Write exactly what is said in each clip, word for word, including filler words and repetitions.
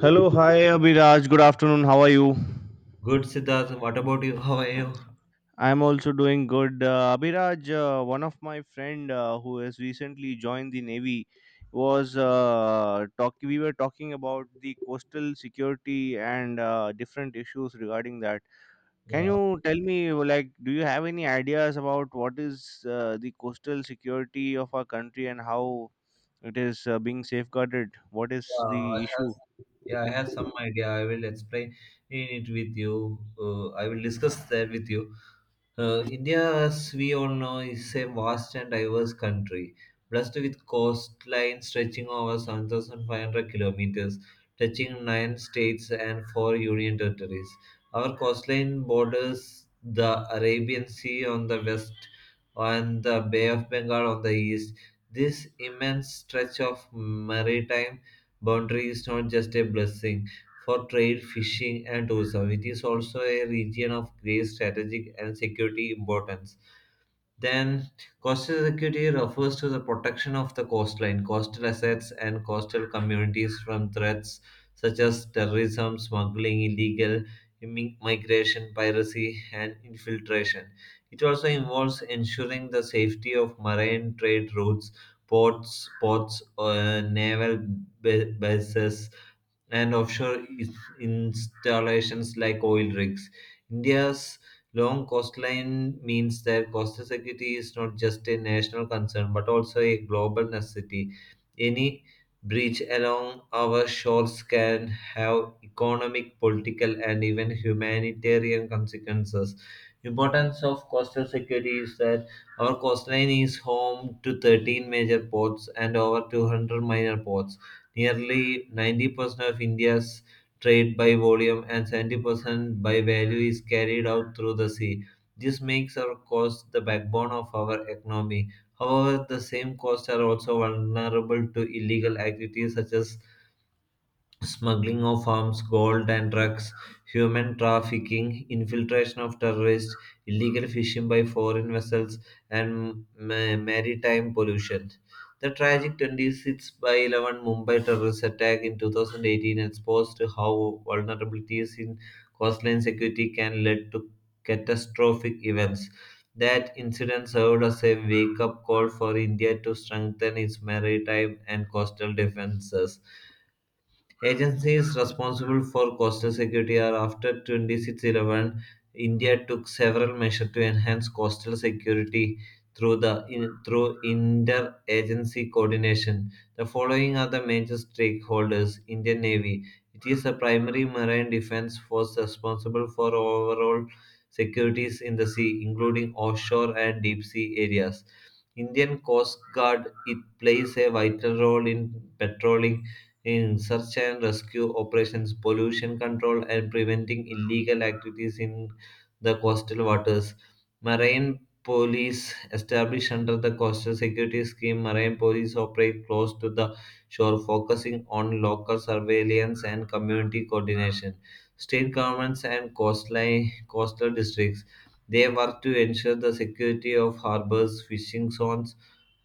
Hello, hi Abhiraj. Good afternoon. How are you? Good, Siddharth. What about you? How are you? I'm also doing good. Uh, Abhiraj, uh, one of my friend uh, who has recently joined the navy was uh, talking. We were talking about the coastal security and uh, different issues regarding that. Can Yeah, you tell me, like, do you have any ideas about what is uh, the coastal security of our country and how it is uh, being safeguarded? What is yeah, I the have, issue? yeah, I have some idea. I will explain it with you. Uh, I will discuss that with you. Uh, India, as we all know, is a vast and diverse country, blessed with coastline stretching over seven thousand five hundred kilometers, touching nine states and four union territories. Our coastline borders the Arabian Sea on the west and the Bay of Bengal on the east. This immense stretch of maritime boundary is not just a blessing for trade, fishing, and tourism. It is also a region of great strategic and security importance. Then, coastal security refers to the protection of the coastline, coastal assets, and coastal communities from threats such as terrorism, smuggling, illegal immi- migration, piracy, and infiltration. It also involves ensuring the safety of marine trade routes, ports, ports, uh, naval ba- bases, and offshore is- installations like oil rigs. India's long coastline means that coastal security is not just a national concern but also a global necessity. Any breach along our shores can have economic, political, and even humanitarian consequences. Importance of coastal security is that our coastline is home to thirteen major ports and over two hundred minor ports. Nearly ninety percent of India's trade by volume and seventy percent by value is carried out through the sea. This makes our coast the backbone of our economy. However, the same coasts are also vulnerable to illegal activities such as smuggling of arms, gold, and drugs, human trafficking, infiltration of terrorists, illegal fishing by foreign vessels, and ma- maritime pollution. The tragic twenty-six by eleven Mumbai terrorist attack in two thousand eighteen exposed how vulnerabilities in coastline security can lead to catastrophic events. That incident served as a wake up call for India to strengthen its maritime and coastal defenses. Agencies responsible for coastal security are after twenty-six eleven. India took several measures to enhance coastal security through the in, through interagency coordination. The following are the major stakeholders: Indian Navy. It is the primary marine defense force responsible for overall securities in the sea, including offshore and deep sea areas. Indian Coast Guard, it plays a vital role in patrolling, in search and rescue operations, pollution control, and preventing illegal activities in the coastal waters. Marine police established under the coastal security scheme, marine police operate close to the shore, focusing on local surveillance and community coordination. State governments and coastline coastal districts, they work to ensure the security of harbors, fishing zones,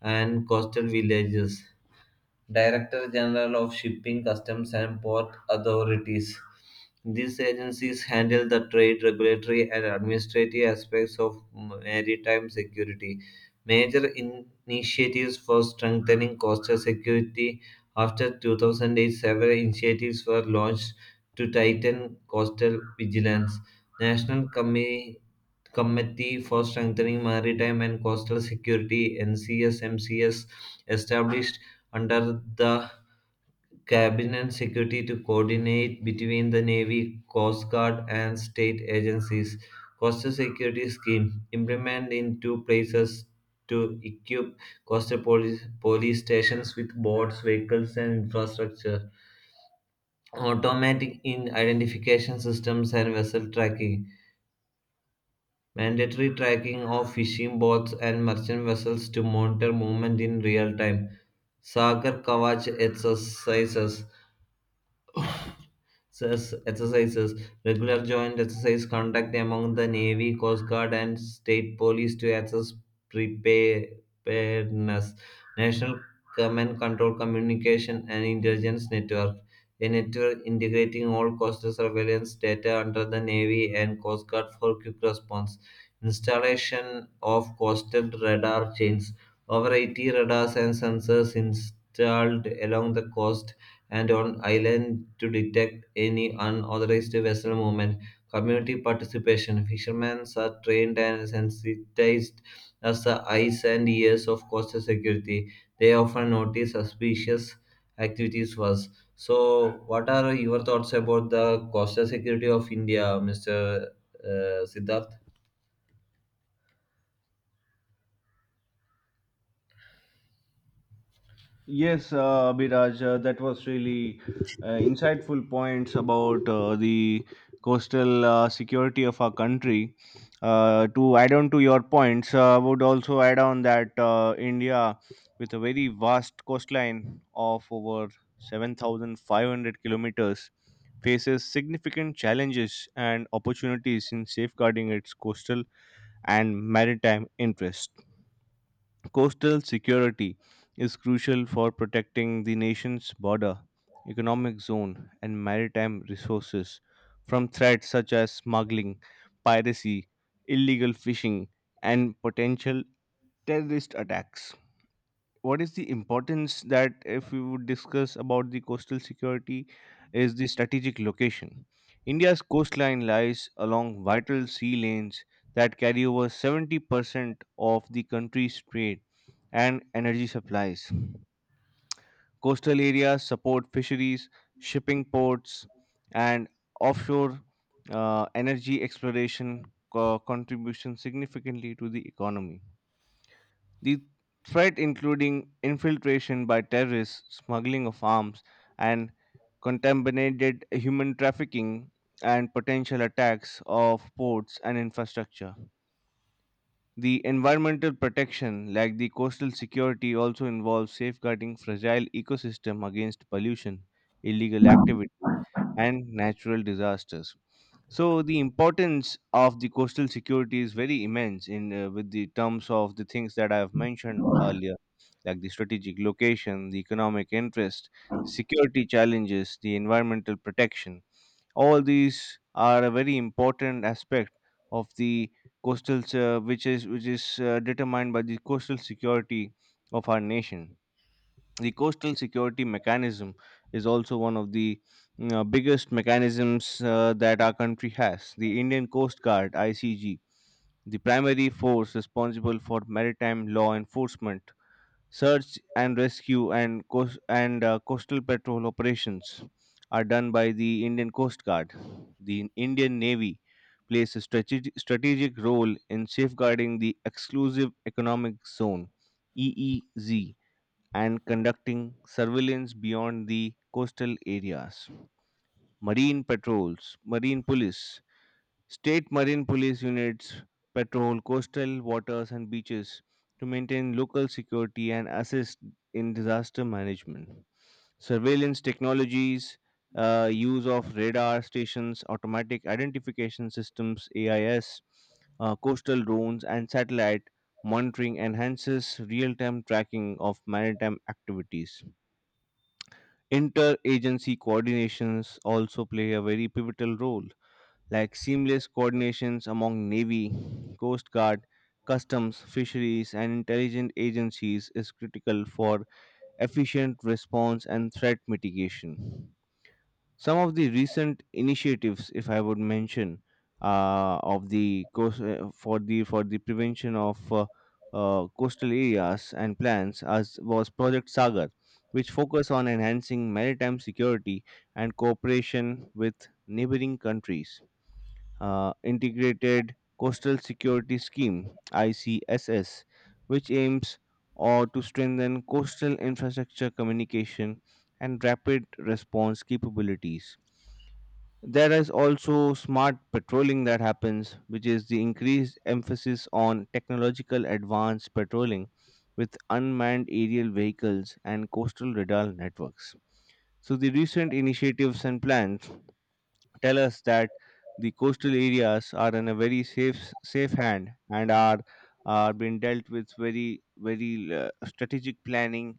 and coastal villages. Director General of Shipping, Customs, and Port Authorities. These agencies handle the trade, regulatory, and administrative aspects of maritime security. Major initiatives for strengthening coastal security after two thousand eight, several initiatives were launched to tighten coastal vigilance. National commi- Committee for Strengthening Maritime and Coastal Security (NCSMCS) established under the Cabinet Secretary to coordinate between the Navy, Coast Guard, and state agencies. Coastal Security Scheme implemented in two places to equip coastal police, police stations with boats, vehicles, and infrastructure. Automatic in identification systems and vessel tracking. Mandatory tracking of fishing boats and merchant vessels to monitor movement in real time. Sagar Kavach exercises. Says exercises, regular joint exercise conduct among the Navy, Coast Guard, and State Police to assess preparedness. National Command Control Communication and Intelligence Network, a network integrating all coastal surveillance data under the Navy and Coast Guard for quick response. Installation of coastal radar chains, over eighty radars and sensors installed along the coast and on island to detect any unauthorized vessel movement. Community participation. Fishermen are trained and sensitized as the eyes and ears of coastal security. They often notice suspicious activities first. So, what are your thoughts about the coastal security of India, mister Uh, Siddharth? Yes, uh, Abhiraj, uh, that was really uh, insightful points about uh, the coastal uh, security of our country. Uh, to add on to your points, uh, I would also add on that uh, India, with a very vast coastline of over seven thousand five hundred kilometers, faces significant challenges and opportunities in safeguarding its coastal and maritime interests. Coastal security is crucial for protecting the nation's border, economic zone, and maritime resources from threats such as smuggling, piracy, illegal fishing, and potential terrorist attacks. What is the importance? That if we would discuss about the coastal security, is the strategic location. India's coastline lies along vital sea lanes that carry over seventy percent of the country's trade and energy supplies. Coastal areas support fisheries, shipping ports, and offshore uh, energy exploration, co- contribution significantly to the economy. The threat including infiltration by terrorists, smuggling of arms and contaminated human trafficking, and potential attacks of ports and infrastructure. The environmental protection, like the coastal security, also involves safeguarding fragile ecosystem against pollution, illegal activities, and natural disasters. So the importance of the coastal security is very immense in uh, with the terms of the things that I have mentioned earlier, like the strategic location, the economic interest, the security challenges, the environmental protection. All these are a very important aspect of the coastal, uh, which is which is uh, determined by the coastal security of our nation. The coastal security mechanism is also one of the, you know, biggest mechanisms uh, that our country has. The Indian Coast Guard (I C G), the primary force responsible for maritime law enforcement, search and rescue, and coast and uh, coastal patrol operations, are done by the Indian Coast Guard. The Indian Navy plays a strategic, strategic role in safeguarding the exclusive economic zone, E E Z, and conducting surveillance beyond the coastal areas. Marine patrols, marine police. State marine police units patrol coastal waters and beaches to maintain local security and assist in disaster management. Surveillance technologies, uh, use of radar stations, automatic identification systems (A I S), uh, coastal drones, and satellite monitoring enhances real-time tracking of maritime activities. Interagency coordinations also play a very pivotal role, like seamless coordinations among Navy, Coast Guard, Customs, Fisheries, and intelligence agencies is critical for efficient response and threat mitigation. Some of the recent initiatives, if I would mention, uh, of the coast uh, for the for the prevention of uh, uh, coastal areas and plans, as was Project Sagar, which focus on enhancing maritime security and cooperation with neighboring countries, uh, Integrated Coastal Security Scheme (I C S S), which aims or to strengthen coastal infrastructure, communication, and rapid response capabilities. There is also smart patrolling that happens, which is the increased emphasis on technological advanced patrolling with unmanned aerial vehicles and coastal radar networks. So the recent initiatives and plans tell us that the coastal areas are in a very safe safe hand and are are being dealt with very very uh, strategic planning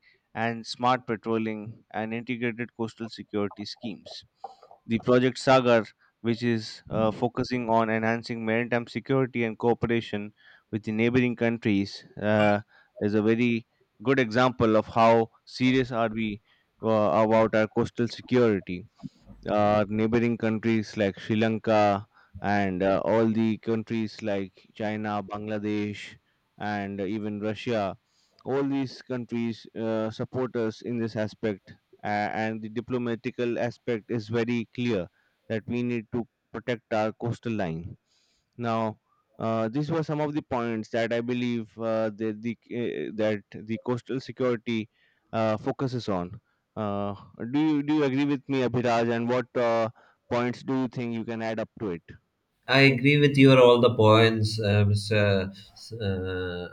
and smart patrolling and integrated coastal security schemes. The project Sagar, which is uh, focusing on enhancing maritime security and cooperation with the neighboring countries, uh, is a very good example of how serious are we uh, about our coastal security, uh, neighboring countries like Sri Lanka and uh, all the countries like China, Bangladesh, and even Russia. All these countries uh, support us in this aspect, uh, and the diplomatical aspect is very clear that we need to protect our coastal line. Now, uh, these were some of the points that I believe uh, that the uh, that the coastal security uh, focuses on. Uh, do you do you agree with me, Abhiraj? And what uh, points do you think you can add up to it? I agree with your all the points, uh, mister S- Uh,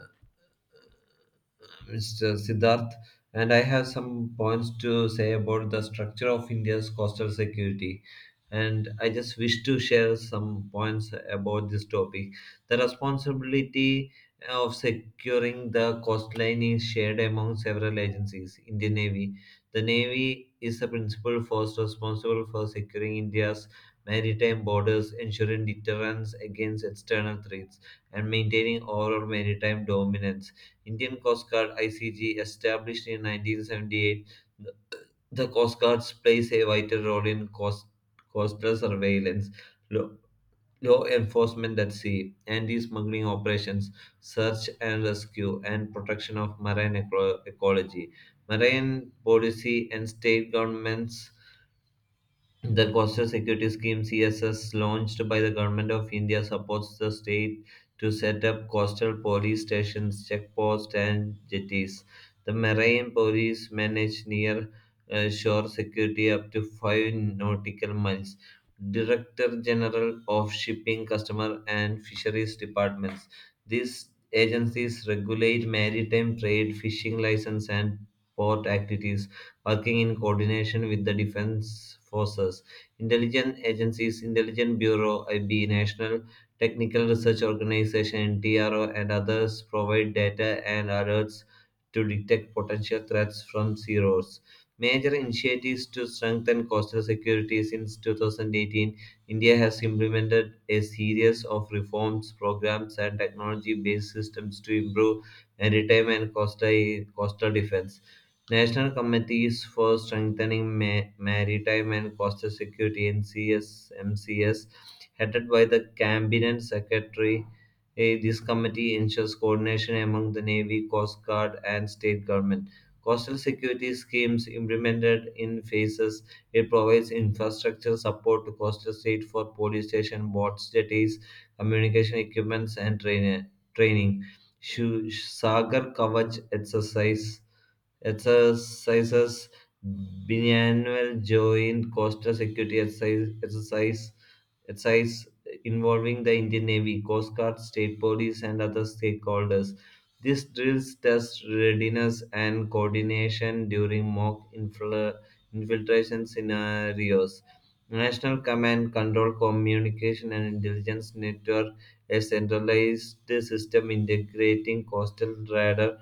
mister Siddharth, and I have some points to say about the structure of India's coastal security. And I just wish to share some points about this topic. The responsibility of securing the coastline is shared among several agencies. Indian Navy. The Navy is the principal force responsible for securing India's maritime borders, ensuring deterrence against external threats, and maintaining overall maritime dominance. Indian Coast Guard I C G, established in nineteen seventy-eight, th- the Coast Guards plays a vital role in coast, coastal surveillance, law, law enforcement at sea, anti-smuggling operations, search and rescue, and protection of marine eco- ecology. Marine policy and state governments, the Coastal Security Scheme C S S launched by the Government of India supports the state to set up coastal police stations, checkposts and jetties. The marine police manage near uh, shore security up to five nautical miles. Director General of Shipping, Customer and Fisheries Departments. These agencies regulate maritime trade, fishing license and port activities, working in coordination with the defense forces, intelligence agencies, intelligence bureau, I B, National Technical Research Organization, T R O, and others provide data and alerts to detect potential threats from zeros. Major initiatives to strengthen coastal security since two thousand eighteen, India has implemented a series of reforms, programs, and technology based systems to improve maritime and coastal, coastal defense. National committees for strengthening ma- maritime and coastal security (NCSMCS), headed by the cabinet secretary. Eh, This committee ensures coordination among the Navy, Coast Guard, and state government. Coastal security schemes implemented in phases. It provides infrastructure support to coastal state for police station, boats, jetties, communication equipments, and train- training. Shu- Sagar Kavach exercise exercises, biannual joint coastal security exercise, exercise exercise involving the Indian Navy, Coast Guard, state police, and other stakeholders. This drills test readiness and coordination during mock infil- infiltration scenarios. National Command Control Communication and Intelligence Network, a centralized system integrating coastal radar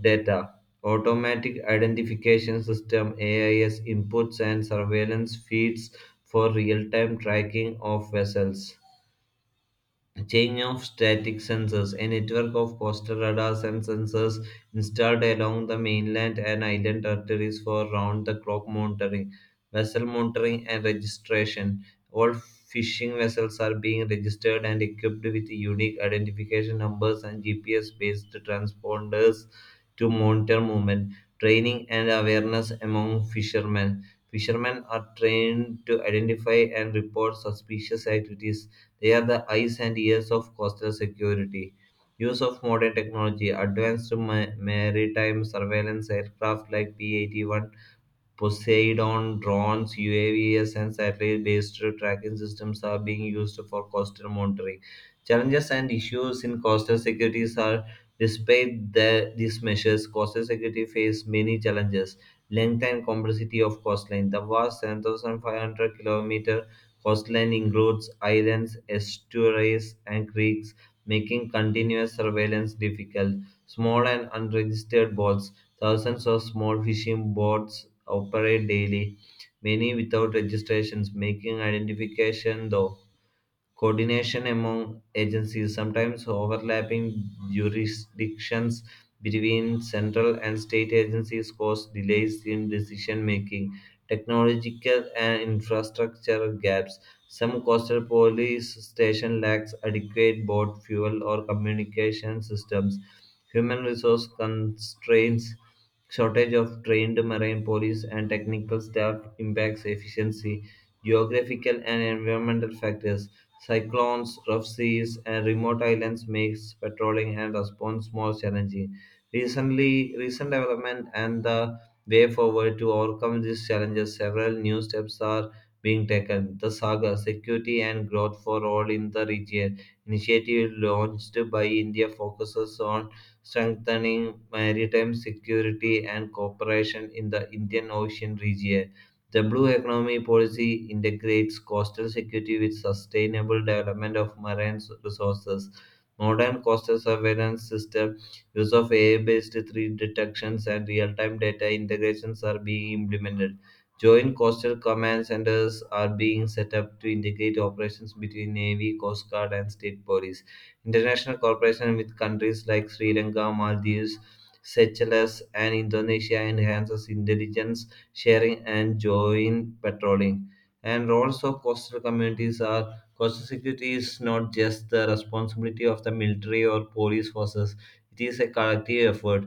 data, automatic identification system A I S inputs and surveillance feeds for real-time tracking of vessels. A chain of static sensors, a network of coastal radars and sensors installed along the mainland and island territories for round the clock monitoring, vessel monitoring, and registration. All fishing vessels are being registered and equipped with unique identification numbers and G P S based transponders to monitor movement, training, and awareness among fishermen. Fishermen are trained to identify and report suspicious activities. They are the eyes and ears of coastal security. Use of modern technology, advanced ma- maritime surveillance aircraft like P eighty-one Poseidon, drones, U A Vs, and satellite based tracking systems are being used for coastal monitoring. Challenges and issues in coastal security are despite the, these measures, coastal security face many challenges. Length and complexity of coastline. The vast seven thousand five hundred kilometer coastline includes islands, estuaries, and creeks, making continuous surveillance difficult. Small and unregistered boats, thousands of small fishing boats operate daily, many without registrations, making identification, though, coordination among agencies, sometimes overlapping jurisdictions between central and state agencies, cause delays in decision making. Technological and infrastructure gaps. Some coastal police station lacks adequate boat fuel or communication systems. Human resource constraints, shortage of trained marine police and technical staff impacts efficiency, geographical and environmental factors. Cyclones, rough seas, and remote islands makes patrolling and response more challenging. Recently, recent development and the way forward to overcome these challenges, several new steps are being taken. The Saga Security and Growth for All in the Region initiative launched by India focuses on strengthening maritime security and cooperation in the Indian Ocean region. The blue economy policy integrates coastal security with sustainable development of marine resources. Modern coastal surveillance system, use of A I-based threat detections and real-time data integrations are being implemented. Joint coastal command centers are being set up to integrate operations between Navy, Coast Guard, and state police. International cooperation with countries like Sri Lanka, Maldives, Seychelles, and Indonesia enhances intelligence sharing, and joint patrolling. And roles of coastal communities are, coastal security is not just the responsibility of the military or police forces, it is a collective effort.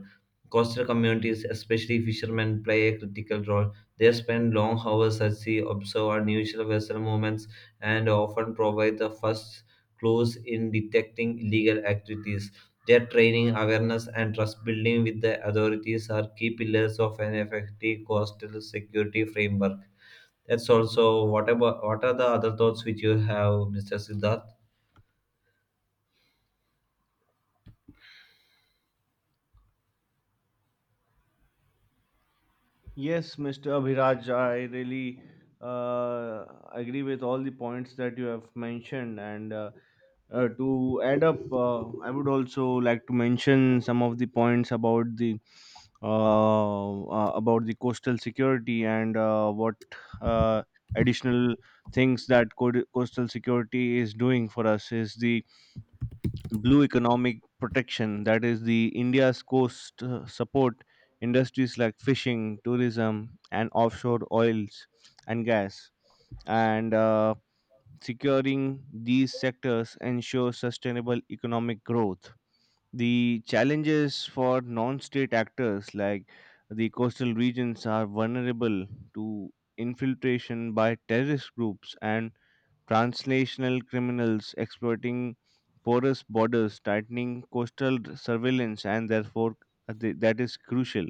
Coastal communities, especially fishermen, play a critical role. They spend long hours at sea, observe unusual vessel movements, and often provide the first clues in detecting illegal activities. Their training, awareness, and trust building with the authorities are key pillars of an effective coastal security framework. That's also, what about, what are the other thoughts which you have, mister Siddharth? Yes, Mister Abhiraj, I really uh, agree with all the points that you have mentioned. And uh, uh, To add up, uh, I would also like to mention some of the points about the uh, uh, about the coastal security and uh, what uh, additional things that co- coastal security is doing for us is the blue economic protection, that is, the India's coast uh, support industries like fishing, tourism, and offshore oils and gas, and uh, securing these sectors ensures sustainable economic growth. The challenges for non-state actors, like the coastal regions are vulnerable to infiltration by terrorist groups and translational criminals exploiting porous borders, tightening coastal surveillance, and therefore uh, the- that is crucial.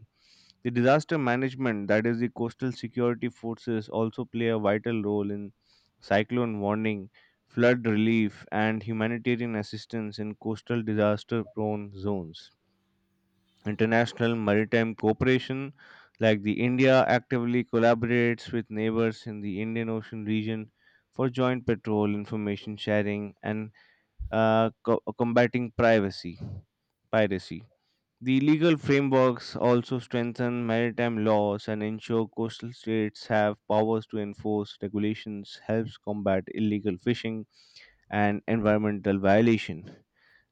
The disaster management, that is, the coastal security forces, also play a vital role in cyclone warning, flood relief, and humanitarian assistance in coastal disaster prone zones. International maritime cooperation, like the India actively collaborates with neighbors in the Indian Ocean region for joint patrol, information sharing, and uh, co- combating privacy piracy. The legal frameworks also strengthen maritime laws and ensure coastal states have powers to enforce regulations, helps combat illegal fishing and environmental violation.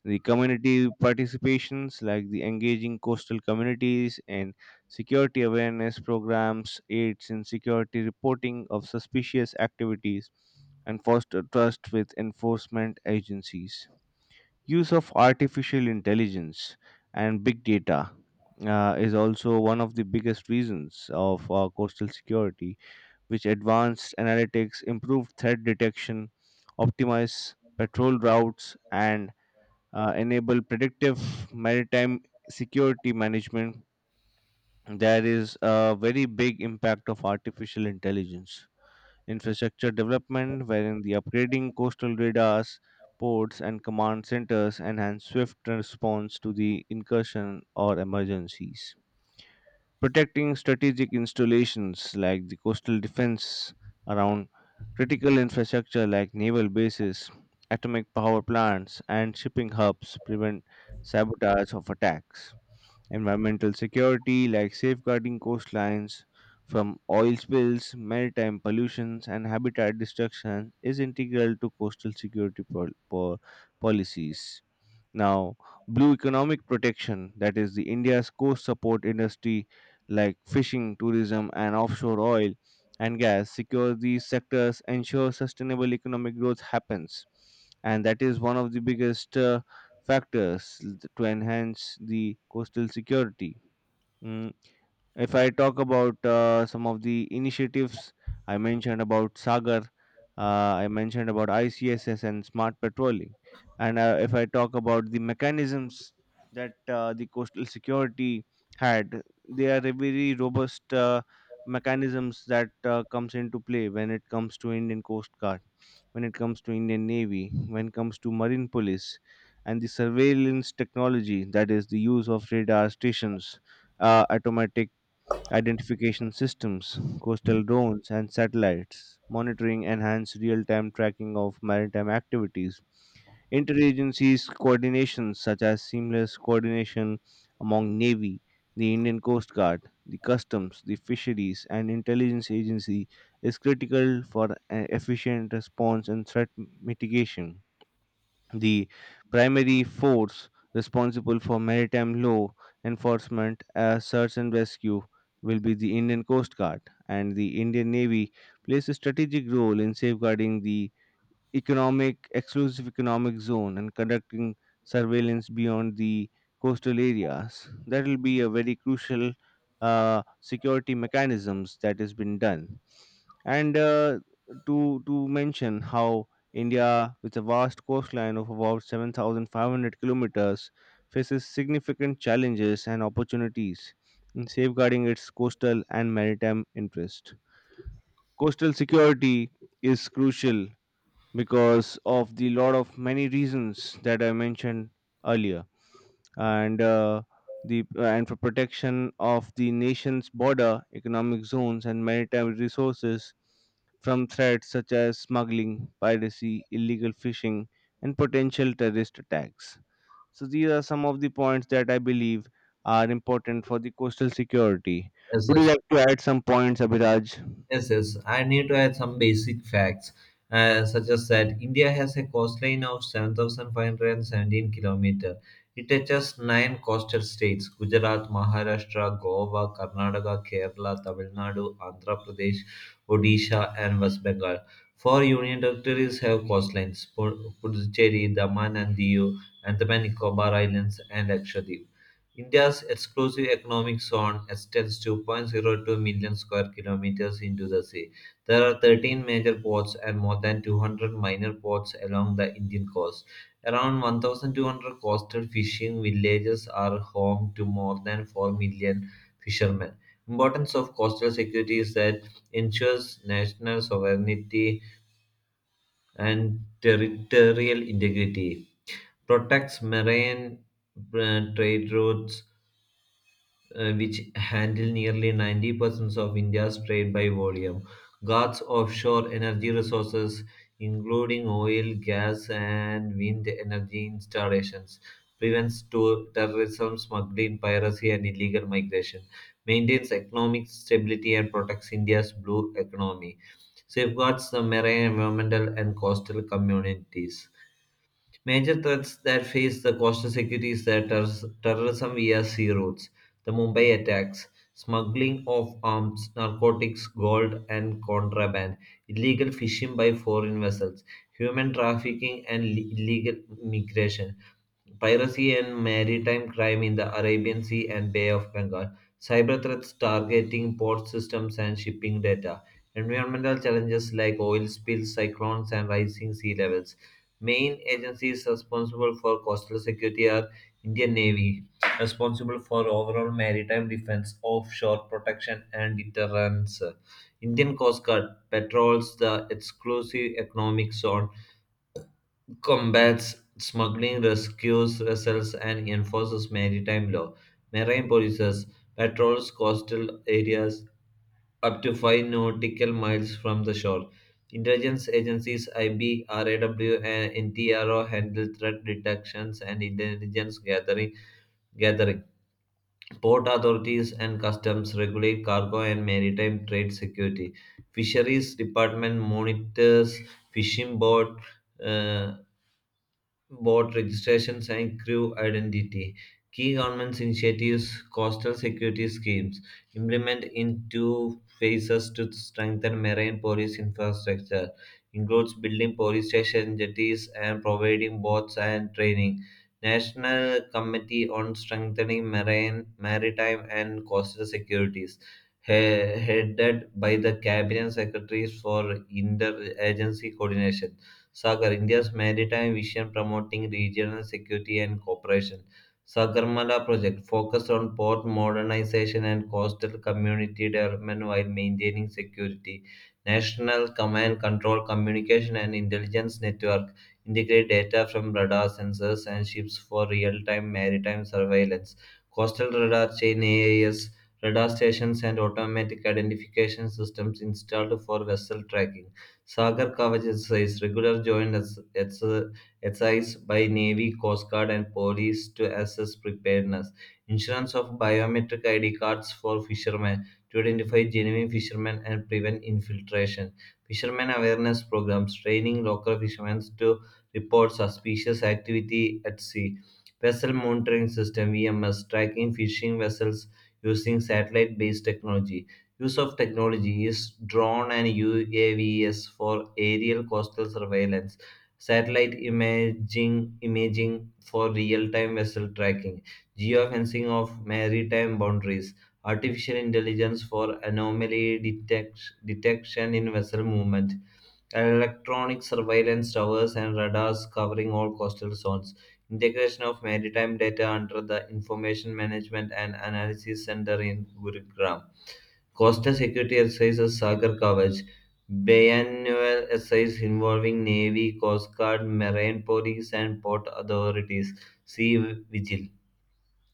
The community participations, like the engaging coastal communities and security awareness programs, aids in security reporting of suspicious activities, and foster trust with enforcement agencies. Use of artificial intelligence and big data uh, is also one of the biggest reasons of uh, coastal security, which advanced analytics, improved threat detection, optimize patrol routes, and uh, enable predictive maritime security management. There is a very big impact of artificial intelligence. Infrastructure development, wherein the upgrading coastal radars, ports, and command centers enhance swift response to the incursion or emergencies, protecting strategic installations like the coastal defense around critical infrastructure like naval bases, atomic power plants, and shipping hubs, prevent sabotage of attacks. Environmental security, like safeguarding coastlines from oil spills, maritime pollutions, and habitat destruction, is integral to coastal security pol- po- policies. Now, blue economic protection, that is, the India's coast support industry like fishing, tourism, and offshore oil and gas, secure these sectors, ensure sustainable economic growth happens. And that is one of the biggest uh, factors to enhance the coastal security. Mm, if I talk about uh, some of the initiatives, I mentioned about Sagar, uh, I mentioned about I C S S and smart patrolling. And uh, if I talk about the mechanisms that uh, the coastal security had, they are a very robust uh, mechanisms that uh, comes into play when it comes to Indian Coast Guard, when it comes to Indian Navy, when it comes to Marine Police, and the surveillance technology, that is the use of radar stations, uh, automatic identification systems, coastal drones, and satellites, monitoring enhanced real time tracking of maritime activities, interagencies coordinations such as seamless coordination among Navy, the Indian Coast Guard, the Customs, the Fisheries, and Intelligence Agency is critical for uh, efficient response and threat mitigation. The primary force responsible for maritime law enforcement, uh, search and rescue will be the Indian Coast Guard, and the Indian Navy plays a strategic role in safeguarding the economic exclusive economic zone and conducting surveillance beyond the coastal areas. That will be a very crucial uh, security mechanisms that has been done. And uh, to to mention how India, with a vast coastline of about seven thousand five hundred kilometers, faces significant challenges and opportunities in safeguarding its coastal and maritime interest. Coastal security is crucial because of the lot of many reasons that I mentioned earlier, and uh, the and for protection of the nation's border, economic zones, and maritime resources from threats such as smuggling, piracy, illegal fishing, and potential terrorist attacks. So these are some of the points that I believe are important for the coastal security. Yes, Would you yes. like to add some points, Abhiraj? Yes, yes. I need to add some basic facts, uh, such as that India has a coastline of seven thousand five hundred seventeen kilometers. It touches nine coastal states: Gujarat, Maharashtra, Goa, Karnataka, Kerala, Tamil Nadu, Andhra Pradesh, Odisha, and West Bengal. Four union territories have coastlines: Pu- Puducherry, Daman and Diu, Andaman and Nicobar Islands, and Lakshadweep. India's exclusive economic zone extends two point zero two million square kilometers into the sea. There are thirteen major ports and more than two hundred minor ports along the Indian coast. Around one thousand two hundred coastal fishing villages are home to more than four million fishermen. Importance of coastal security is that ensures national sovereignty and territorial integrity, protects marine uh, trade routes uh, which handle nearly ninety percent of India's trade by volume. God's offshore energy resources, including oil, gas, and wind energy installations, prevents to- terrorism, smuggling, piracy, and illegal migration, maintains economic stability, and protects India's blue economy, safeguards the marine, environmental, and coastal communities. Major threats that face the coastal security is the terror- terrorism via sea routes, the Mumbai attacks, smuggling of arms, narcotics, gold and contraband, illegal fishing by foreign vessels, human trafficking and le- illegal migration, piracy and maritime crime in the Arabian Sea and Bay of Bengal, cyber threats targeting port systems and shipping data, environmental challenges like oil spills, cyclones, and rising sea levels. Main agencies responsible for coastal security are Indian Navy, responsible for overall maritime defense, offshore protection, and deterrence. Indian Coast Guard patrols the exclusive economic zone, combats smuggling, rescues vessels, and enforces maritime law. Marine polices patrols coastal areas up to five nautical miles from the shore. Intelligence agencies I B R A W and N T R O handle threat detections and intelligence gathering. gathering. Port authorities and customs regulate cargo and maritime trade security. Fisheries Department monitors fishing boat uh, boat registrations and crew identity. Key government initiatives, coastal security schemes, implement in two phases to strengthen marine police infrastructure, includes building police station jetties and providing boats and training. National Committee on Strengthening Marine, Maritime and Coastal Securities, he- headed by the Cabinet Secretaries for Interagency Coordination. Sagar, India's maritime vision promoting regional security and cooperation. Sagarmala project focused on port modernization and coastal community development while maintaining security. National Command Control Communication and Intelligence Network integrate data from radar sensors and ships for real-time maritime surveillance. Coastal radar chain A I S radar stations and automatic identification systems installed for vessel tracking. Sagar Kavach exercise, regular joint ex- ex- exercise by Navy, Coast Guard, and police to assess preparedness. Insurance of biometric I D cards for fishermen to identify genuine fishermen and prevent infiltration. Fishermen awareness programs, training local fishermen to report suspicious activity at sea. Vessel monitoring system V M S, tracking fishing vessels using satellite based technology. Use of technology is drone and U A Vs for aerial coastal surveillance, satellite imaging imaging for real-time vessel tracking, geofencing of maritime boundaries, artificial intelligence for anomaly detect, detection in vessel movement, electronic surveillance towers and radars covering all coastal zones, integration of maritime data under the Information Management and Analysis Center in Gurugram. Costa Security exercises Sagar Kavach, biannual exercise involving Navy, Coast Guard, Marine Police, and port authorities. Sea Vigil,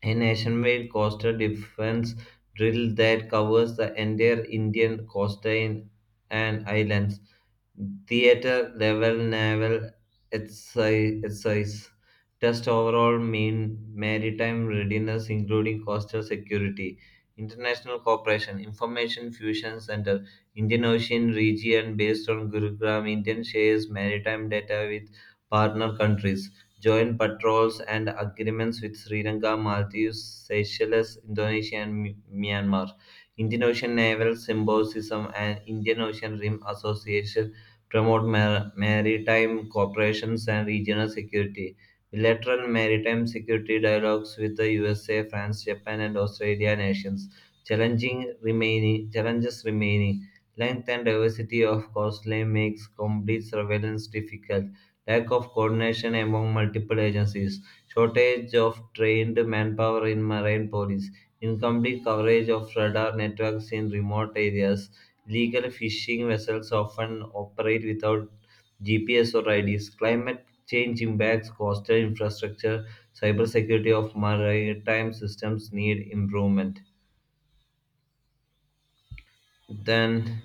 a nationwide coastal defense drill that covers the entire Indian coastline and islands, theater level naval exercise, exercise, test overall mean maritime readiness including coastal security. International cooperation information fusion center, Indian Ocean region based on Gurugram, Indian shares maritime data with partner countries, joint patrols and agreements with Sri Lanka, Maldives, Seychelles, Indonesia and Mi- myanmar. Indian Ocean naval symbolism and Indian Ocean Rim Association promote mar- maritime cooperation and regional security. Bilateral maritime security dialogues with the U S A, France, Japan, and Australia nations. Challenging remaining challenges remaining. Length and diversity of coastline makes complete surveillance difficult. Lack of coordination among multiple agencies, shortage of trained manpower in marine police, incomplete coverage of radar networks in remote areas, illegal fishing vessels often operate without G P S or I Ds, climate change impacts coastal infrastructure, cybersecurity of maritime systems need improvement. Then,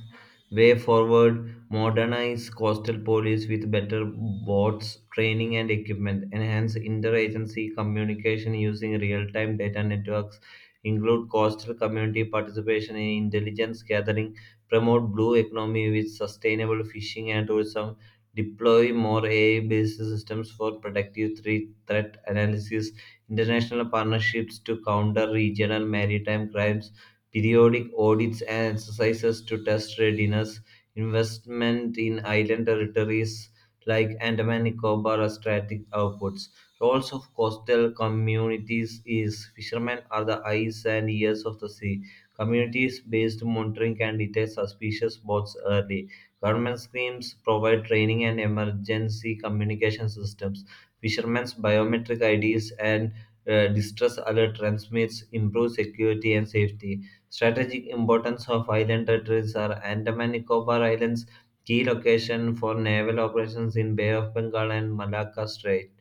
way forward, modernize coastal police with better boats, training, and equipment. Enhance interagency communication using real time data networks. Include coastal community participation in intelligence gathering. Promote blue economy with sustainable fishing and tourism. Deploy more A I based systems for predictive thre- threat analysis. International partnerships to counter regional maritime crimes, periodic audits and exercises to test readiness, investment in island territories like Andaman and Nicobar are strategic outputs. Roles of coastal communities is fishermen are the eyes and ears of the sea. Communities-based monitoring can detect suspicious boats early. Government schemes provide training and emergency communication systems. Fishermen's biometric I Ds and uh, distress alert transmits improve security and safety. Strategic importance of island territories are Andaman Nicobar Islands, key location for naval operations in Bay of Bengal and Malacca Strait.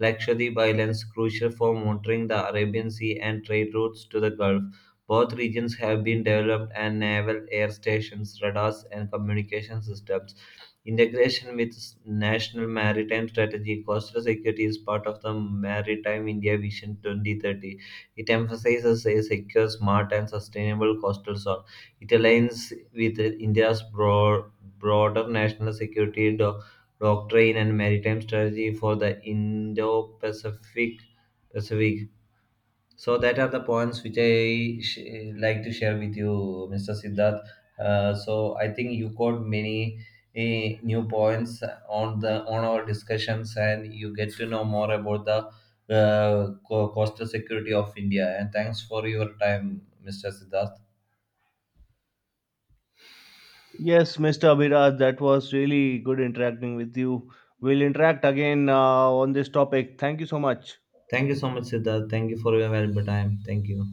Lakshadweep Islands, crucial for monitoring the Arabian Sea and trade routes to the Gulf. Both regions have been developed and naval air stations, radars, and communication systems. Integration with s- national maritime strategy, coastal security is part of the Maritime India Vision twenty thirty. It emphasizes a secure, smart, and sustainable coastal zone. It aligns with India's broad, broader national security do- doctrine and maritime strategy for the Indo-Pacific Pacific. So that are the points which I sh- like to share with you, mister Siddharth. Uh, so I think you got many eh, new points on the on our discussions, and you get to know more about the uh, co- coastal security of India. And thanks for your time, mister Siddharth. Yes, Mister Abhiraj, that was really good interacting with you. We'll interact again uh, on this topic. Thank you so much. Thank you so much, Siddharth. Thank you for your valuable time. Thank you.